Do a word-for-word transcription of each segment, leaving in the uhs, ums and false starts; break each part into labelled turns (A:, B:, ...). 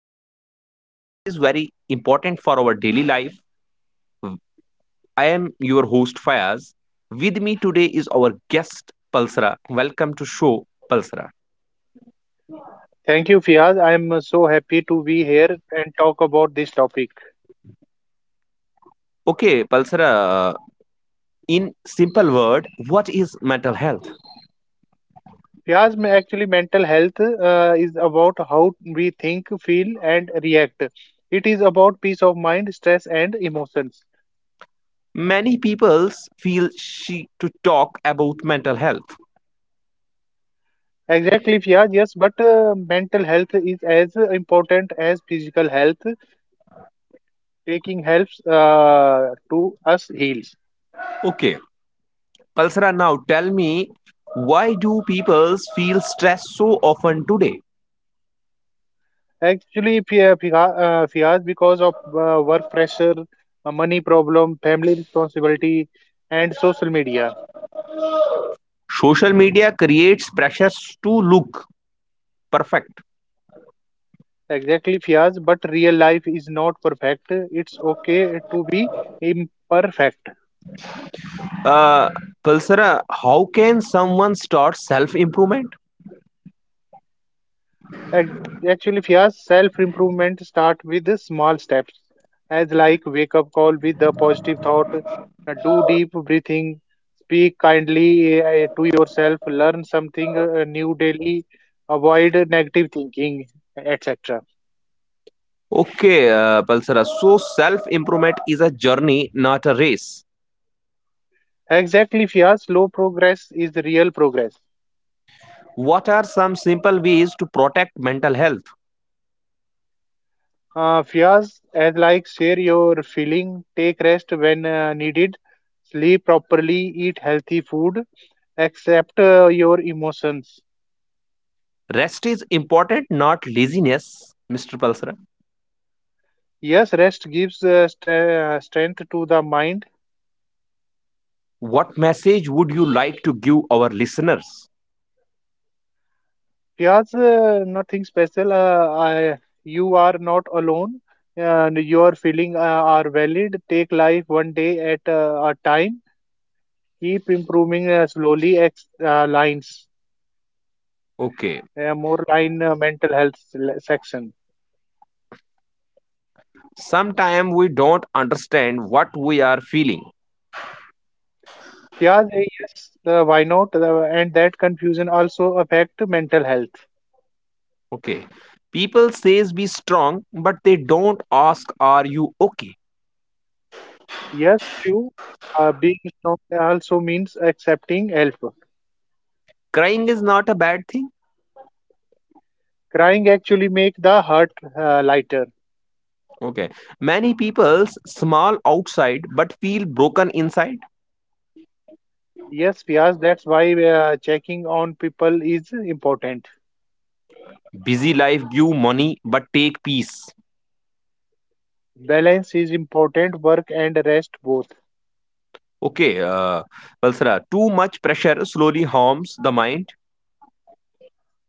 A: mental health. This topic is very important for our daily life. I am your host, Fayaz. With me today is our guest, Palsara. Welcome to show, Palsara.
B: Thank you, Fiaz. I am uh, so happy to be here and talk about this topic.
A: Okay, Palsara, in simple word, what is mental health?
B: Fiaz, ma- actually, mental health uh, is about how we think, feel, and react. It is about peace of mind, stress, and emotions.
A: Many people feel she to talk about mental health.
B: Exactly, Fiaz. Yes, but uh, mental health is as important as physical health. Taking helps uh, to us heals.
A: Okay, Palsara, now tell me, why do people feel stressed so often today?
B: Actually, Fi- uh, Fiha- uh, Fiaz, because of uh, work pressure, uh, money problem, family responsibility, and social media.
A: Social media creates pressures to look perfect.
B: Exactly, Fiaz, but real life is not perfect. It's okay to be imperfect.
A: Uh, Palsara, how can someone start self improvement?
B: Ac- Actually, Fiaz, self improvement start with the small steps, as like wake up call with a positive thought, uh, do deep breathing, speak kindly uh, to yourself, learn something uh, new daily, avoid negative thinking, et cetera.
A: Okay, uh, Palsara, so self improvement is a journey, not a race.
B: Exactly, Fiaz, slow progress is real progress.
A: What are some simple ways to protect mental health?
B: Uh, Fias, as like share your feeling, take rest when uh, needed, sleep properly, eat healthy food, accept uh, your emotions.
A: Rest is important, not laziness, mister Palsara.
B: Yes, rest gives uh, st- uh, strength to the mind.
A: What message would you like to give our listeners?
B: Fias, uh, nothing special. Uh, I, you are not alone, and your feeling uh, are valid. Take life one day at uh, a time. Keep improving uh, slowly. Ex- uh, lines,
A: Okay,
B: uh, more line uh, mental health le- section.
A: sometimes we don't understand what we are feeling.
B: Yeah, they, yes, uh, why not? Uh, and that confusion also affect mental health.
A: Okay, people says be strong, but they don't ask, are you okay?
B: Yes, true. Uh, being strong also means accepting help.
A: Crying is not a bad thing.
B: Crying actually make the heart uh, lighter.
A: Okay, many people's smile outside but feel broken inside.
B: Yes, Piaz, that's why uh, checking on people is important.
A: Busy life give money but take peace.
B: Balance is important, work and rest both.
A: Okay, uh, Valsara, too much pressure slowly harms the mind.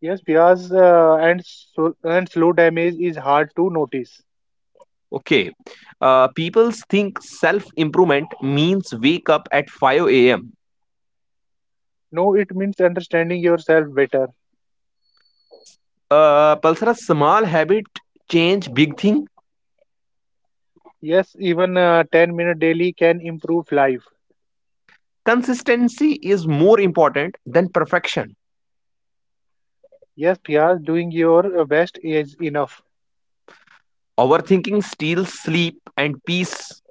B: Yes, Piaz, uh, and, so, and slow damage is hard to notice.
A: Okay, uh, people think self improvement means wake up at five a m a.m.
B: No, it means understanding yourself better.
A: Uh, Pulsara's small habit change big thing.
B: Yes, even uh, ten minute daily can improve life.
A: Consistency is more important than perfection.
B: Yes, Piaz, doing your uh, best is enough.
A: Overthinking steals sleep and peace.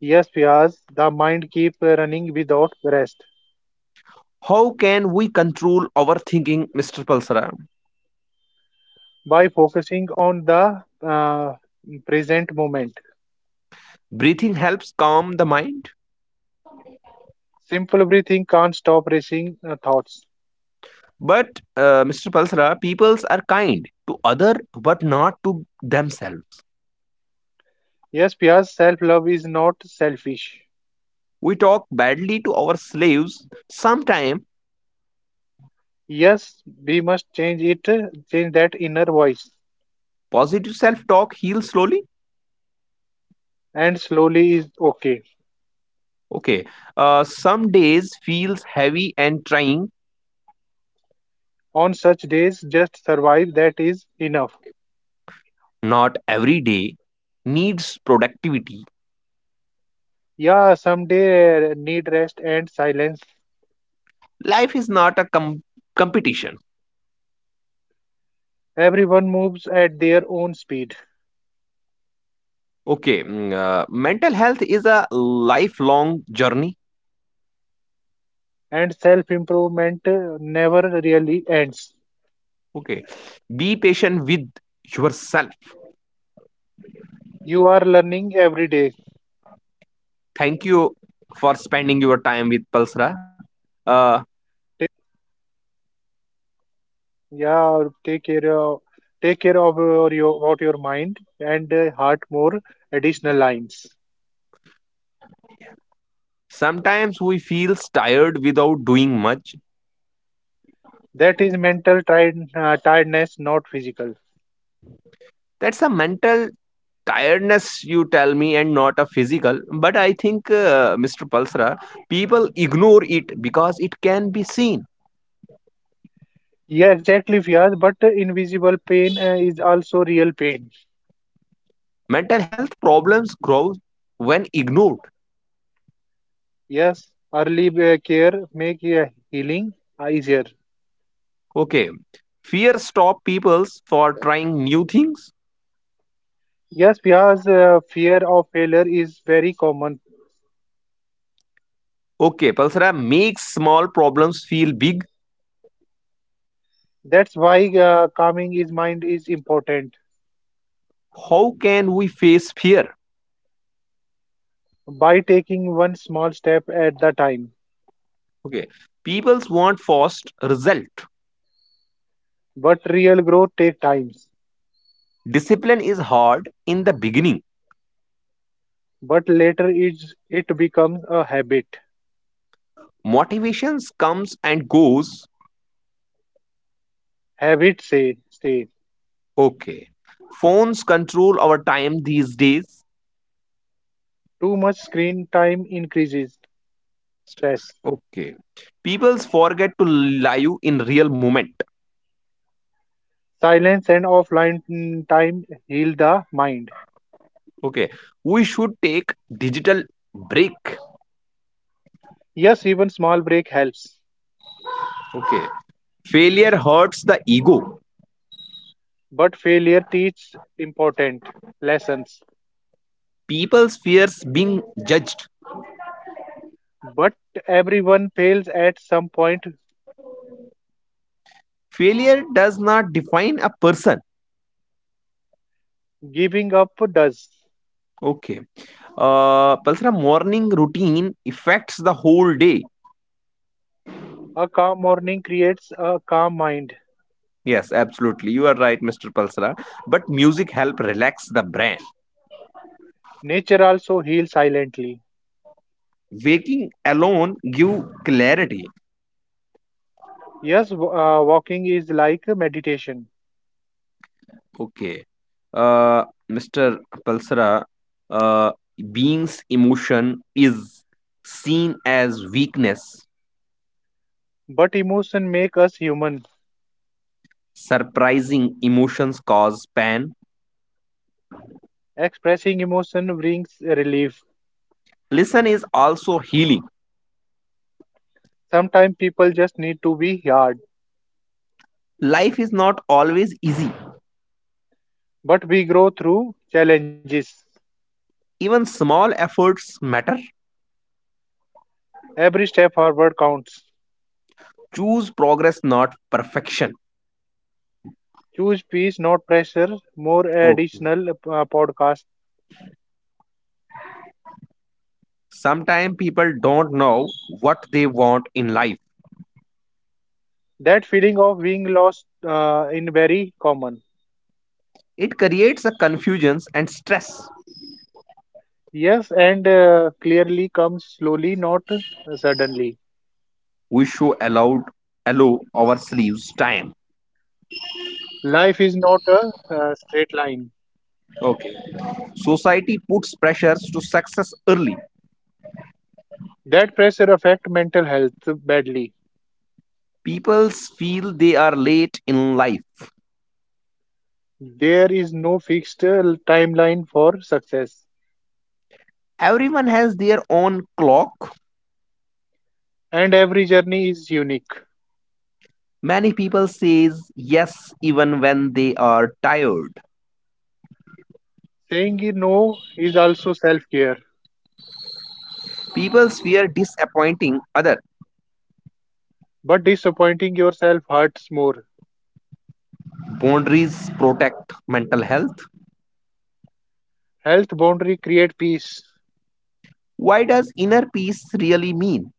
B: Yes, Piaz, the mind keep uh, running without rest
A: How can we control overthinking, mister Pulsara?
B: by focusing on the uh, present moment.
A: Breathing helps calm the mind.
B: Simple breathing can't stop racing uh, thoughts.
A: But, uh, mister Pulsara, peoples are kind to other but not to themselves.
B: Yes, Piaz, self-love is not selfish.
A: We talk badly to our slaves. Sometimes
B: Yes, we must change it, uh, change that inner voice,
A: positive self-talk heals slowly.
B: and slowly is okay.
A: Okay, uh, some days feels heavy and trying.
B: On such days, just survive. That is enough.
A: Not every day needs productivity.
B: Yeah, someday uh, need rest and silence.
A: Life is not a com- competition.
B: Everyone moves at their own speed,
A: Okay, mm, uh, mental health is a lifelong journey.
B: and self improvement never really ends.
A: Okay, be patient with yourself.
B: You are learning every day.
A: Thank you for spending your time with Pulsra. Uh,
B: Ta- yeah, take care of take care of your, your about your mind and uh, heart more additional lines.
A: Sometimes we feel tired without doing much.
B: That is mental tired, uh, tiredness, not physical.
A: That's a mental tiredness, you tell me, and not a physical. But I think, uh, mister Pulsra, people ignore it because it can be seen.
B: Yeah, exactly, Fiaz. But uh, invisible pain uh, is also real pain.
A: Mental health problems grow when ignored.
B: Yes, early uh, care make uh, healing easier.
A: Okay. Fear stop peoples for trying new things.
B: Yes, because uh, fear of failure is very common.
A: Okay, Pulsara makes small problems feel big.
B: That's why uh, calming his mind is important
A: How can we face fear?
B: by taking one small step at the time.
A: Okay. Peoples want fast result.
B: But real growth takes time.
A: Discipline is hard in the beginning.
B: But later is it becomes a habit.
A: Motivations comes and goes.
B: Habit say stay.
A: Okay. Phones control our time these days.
B: Too much screen time increases stress.
A: Okay. Peoples forget to live in real moment.
B: Silence and offline mm, time heal the mind.
A: Okay, we should take digital break.
B: Yes, even small break helps.
A: Okay, failure hurts the ego.
B: But failure teaches important lessons.
A: People's fears being judged.
B: But everyone fails at some point.
A: Failure does not define a person.
B: Giving up does.
A: Okay, uh, Palsara, morning routine affects the whole day.
B: A calm morning creates a calm mind.
A: Yes, absolutely. You are right, mister Palsara. But music help relax the brain.
B: Nature also heals silently.
A: Waking alone give clarity.
B: Yes, w- uh, walking is like meditation,
A: Okay. Uh, mister Palsara, uh, being's emotion is seen as weakness.
B: but emotion make us human.
A: Surprising emotions cause pain.
B: Expressing emotion brings relief.
A: Listen is also healing.
B: Sometimes people just need to be hard,
A: Life is not always easy.
B: but we grow through challenges.
A: Even small efforts matter.
B: Every step forward counts.
A: Choose progress, not perfection.
B: Choose peace, not pressure. More
A: Okay.
B: additional uh, podcasts.
A: Sometimes people don't know what they want in life.
B: That feeling of being lost uh, in very common.
A: It creates a confusion and stress.
B: Yes, and uh, clearly comes slowly, not uh, suddenly.
A: We should allow allow our sleeves time.
B: Life is not a uh, straight line.
A: Okay. Society puts pressures to success early.
B: That pressure affect mental health badly.
A: People feel they are late in life.
B: There is no fixed uh, timeline for success,
A: Everyone has their own clock.
B: and every journey is unique.
A: Many people says yes even when they are tired.
B: Saying no is also self-care,
A: People fear disappointing other.
B: but disappointing yourself hurts more.
A: Boundaries protect mental health.
B: Health boundary create peace.
A: Why does inner peace really mean?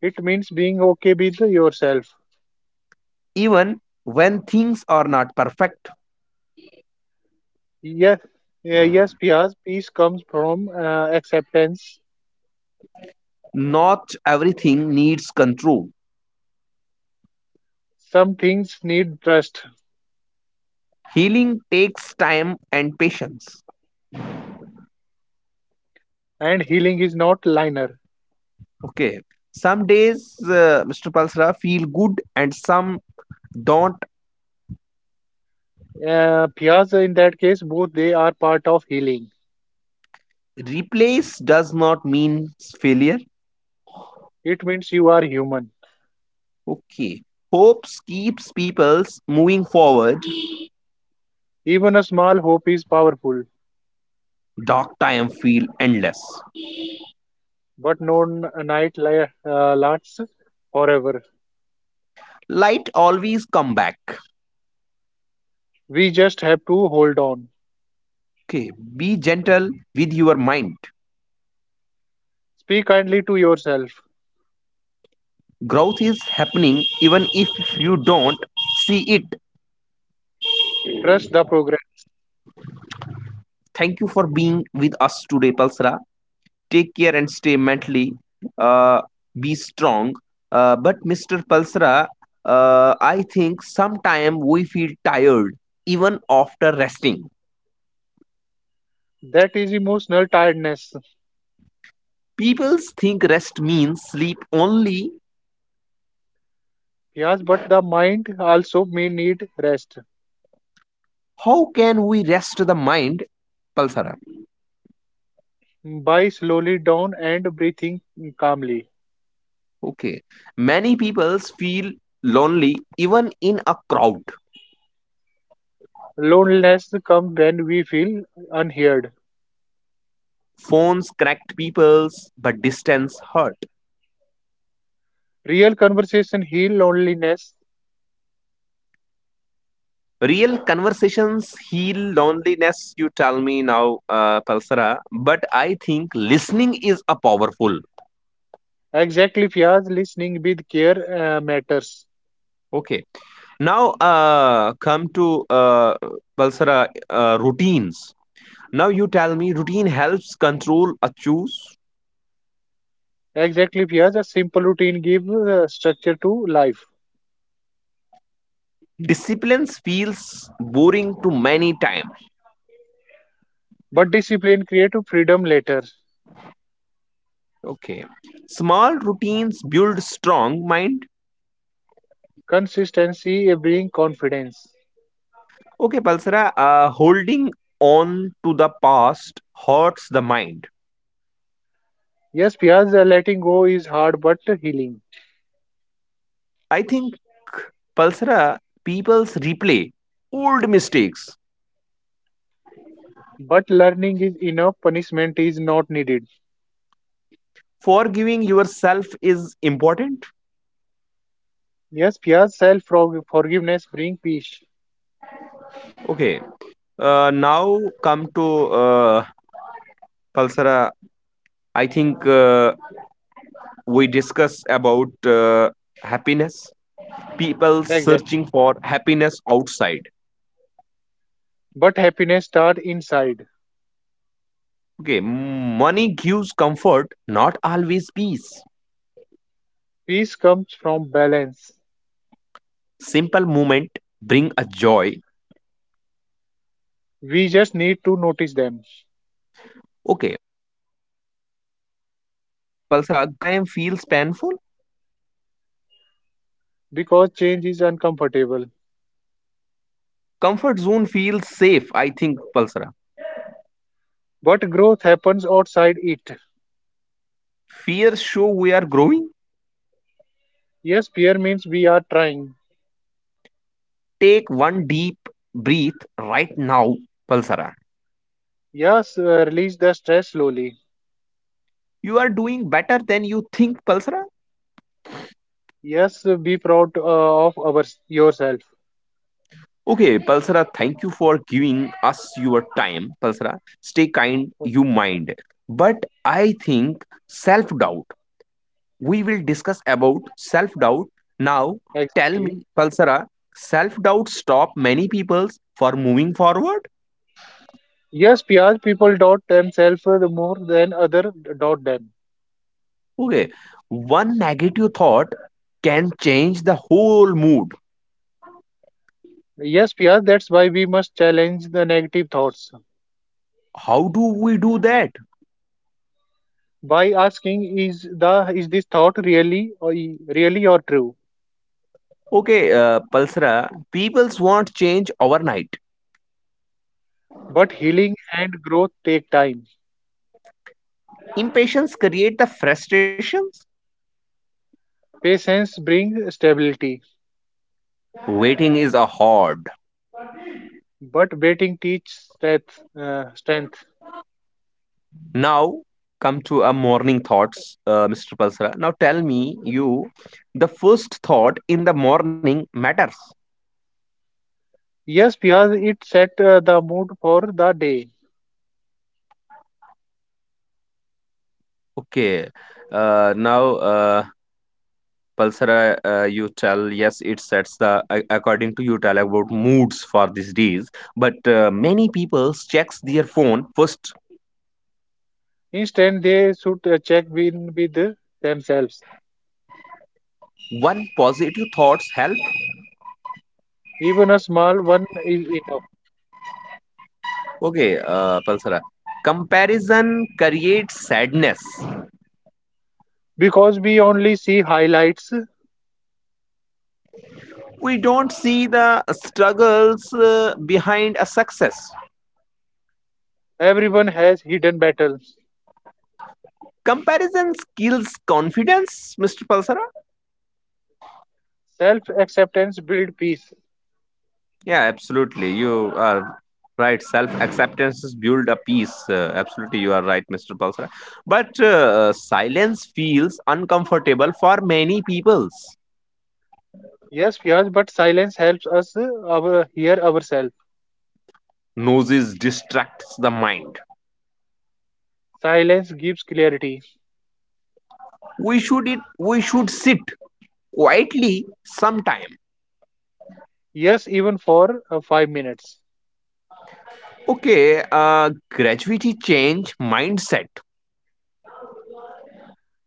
B: It means being okay with yourself.
A: Even when things are not perfect,
B: Yes, yeah, yes, Piaz, peace comes from uh, acceptance.
A: not everything needs control.
B: Some things need trust,
A: Healing takes time and patience.
B: and healing is not linear.
A: Okay. Some days, uh, mister Palsra, feel good and some don't.
B: Uh, Piaz, in that case, both they are part of healing.
A: Replace does not mean failure.
B: It means you are human.
A: Okay. Hopes keeps peoples moving forward.
B: Even a small hope is powerful,
A: Dark time feel endless.
B: but no n- night li- uh, lasts forever.
A: Light always come back.
B: We just have to hold on.
A: Okay. Be gentle with your mind.
B: Speak kindly to yourself.
A: Growth is happening even if you don't see it.
B: Trust the progress.
A: Thank you for being with us today, Palsra. Take care and stay mentally, uh, be strong. Uh, but Mr. Palsra, uh, I think sometime we feel tired even after resting.
B: That is emotional tiredness.
A: People think rest means sleep only.
B: Yes, but the mind also may need rest.
A: How can we rest the mind, Palsara?
B: By slowly down and breathing calmly.
A: Okay, many people feel lonely even in a crowd.
B: Loneliness comes when we feel unheard.
A: Phones cracked peoples but distance hurt.
B: Real conversation heal loneliness.
A: Real conversations heal loneliness, you tell me now, uh, Palsara. But I think listening is a powerful.
B: Exactly, Fiaz, listening with care uh, matters.
A: Okay. Now, uh, come to uh, Palsara uh, routines. Now you tell me routine helps control a choose.
B: Exactly, Fiaz, a simple routine gives uh, structure to life.
A: Disciplines feels boring to many times.
B: But discipline creates freedom later.
A: Okay. Small routines build strong mind.
B: Consistency brings confidence.
A: Okay, Palsara. Uh, holding on to the past hurts the mind.
B: Yes, Fiaz, uh, letting go is hard but healing.
A: I think Pulsara people's replay old mistakes.
B: But learning is enough, punishment is not needed.
A: Forgiving yourself is important.
B: Yes, Piyaz, self forgiveness bring peace.
A: Okay. Uh, now come to uh, Pulsara. I think uh, we discuss about uh, happiness. People
B: Exactly.
A: searching for happiness outside.
B: But happiness starts inside.
A: Okay, money gives comfort, not always peace.
B: Peace comes from balance.
A: Simple moment bring a joy.
B: We just need to notice them
A: Okay. Uh, now, uh, Palsara, growth sometimes feels painful.
B: because change is uncomfortable.
A: Comfort zone feels safe, I think, Palsara.
B: But growth happens outside it.
A: Fears show we are growing.
B: Yes, fear means we are trying.
A: Take one deep breath right now, Palsara.
B: Yes, uh, release the stress slowly.
A: You are doing better than you think, Palsara.
B: Yes, uh, be proud uh, of our, yourself.
A: Okay, Palsara, thank you for giving us your time, Palsara. Stay kind, you mind. But I think self doubt. We will discuss about self doubt. Now, tell
B: Exactly.
A: me, Palsara, self doubt stop many people for moving forward?
B: Yes, P R people doubt themselves uh, more than other doubt them.
A: Okay, one negative thought can change the whole mood.
B: Yes, Piyas, that's why we must challenge the negative thoughts
A: How do we do that?
B: by asking is the is this thought really or e, really or true?
A: Okay, uh, Palsara, people's want change overnight.
B: But healing and growth take time.
A: Impatience create the frustrations.
B: Patience brings stability,
A: Waiting is a hard.
B: but waiting teaches strength. Uh, strength.
A: Now come to a morning thoughts, uh, mister Palsara. Now tell me you the first thought in the morning matters.
B: Yes, Piyas, it set uh, the mood for the day.
A: Okay. Uh, now uh, Palsara, uh, you tell yes, it sets the a- according to you tell about moods for these days. But uh, many people checks their phone first.
B: Instead, they should uh, check in with themselves.
A: One positive thoughts help.
B: Even a small one is enough
A: Okay, uh, Palsara. Comparison creates sadness.
B: because we only see highlights.
A: We don't see the struggles uh, behind a success.
B: Everyone has hidden battles.
A: Comparison kills confidence, mister Palsara.
B: Self acceptance builds peace.
A: Yeah, absolutely. You are right. Self acceptance is build a peace. Uh, absolutely, you are right, mister Palsara. But uh, silence feels uncomfortable for many peoples.
B: Yes, Fiaz, but silence helps us uh, our, hear ourselves.
A: Noses distracts the mind.
B: Silence gives clarity.
A: We should it. We should sit quietly sometime.
B: Yes, even for uh, five minutes.
A: Okay, uh, gradually change mindset.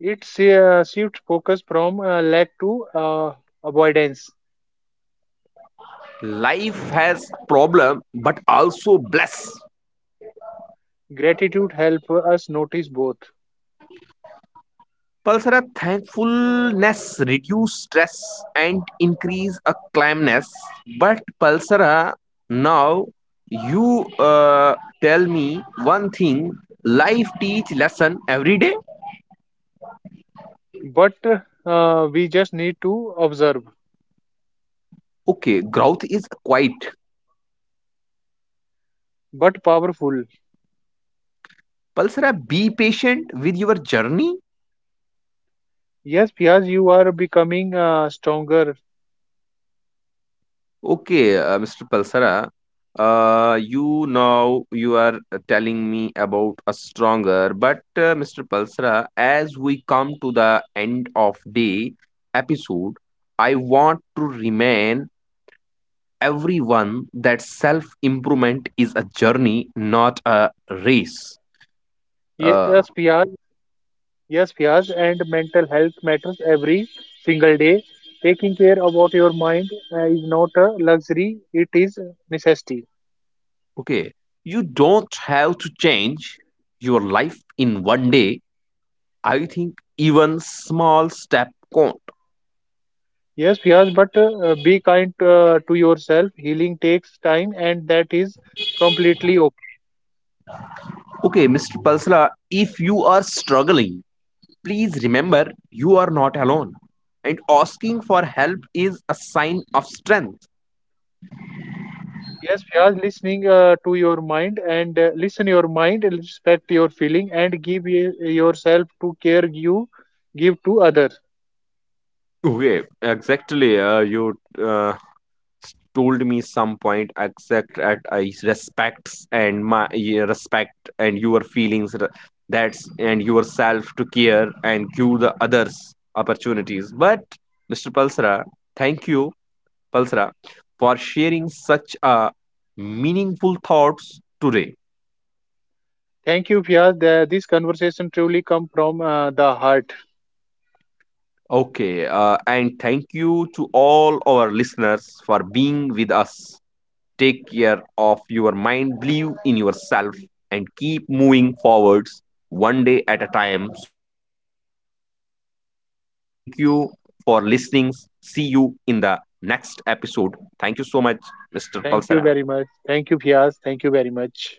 B: It si, uh, shifts focus from uh, lack to uh, avoidance.
A: Life has problem but also bless.
B: Gratitude helps us notice both.
A: Pulsara thankfulness reduce stress and increase a calmness. But Pulsara, now you, uh, tell me one thing. Life teach lesson every day.
B: But uh, we just need to observe.
A: Okay, growth is quiet.
B: But powerful.
A: Pulsara, be patient with your journey.
B: Yes, Fiaz, you are becoming uh, stronger.
A: Okay, uh, mister Palsara, uh, you now you are uh, telling me about a stronger, but uh, mister Palsara, as we come to the end of the episode, I want to remind everyone that self improvement is a journey, not a race. Uh,
B: Yes, Fiaz, Yes, Fiaz, and mental health matters every single day. Taking care about your mind uh, is not a luxury, it is a necessity.
A: okay, you don't have to change your life in one day. I think even small step count.
B: Yes, Fiaz, but uh, uh, be kind uh, to yourself. Healing takes time, and that is completely okay.
A: Okay, mister Palsla, if you are struggling, please remember you are not alone. And asking for help is a sign of strength.
B: Yes, Fiaz, listening uh, to your mind and uh, listen your mind, and respect your feeling, and give y- yourself to care you give to others.
A: Okay, exactly. Uh, you uh, told me some point exact at I respects and my yeah, respect and your feelings re- that's and yourself to care and give the others opportunities. But mister Palsra, thank you Palsra, for sharing such uh, meaningful thoughts today.
B: Thank you, Fiaz. The- This conversation truly come from uh, the heart.
A: Okay, uh, and thank you to all our listeners for being with us. Take care of your mind, believe in yourself, and keep moving forwards one day at a time together. Thank you for listening. See you in the next episode. Thank you so much, mister Palsara.
B: Thank you very much. Thank you, Fias. Thank you very much.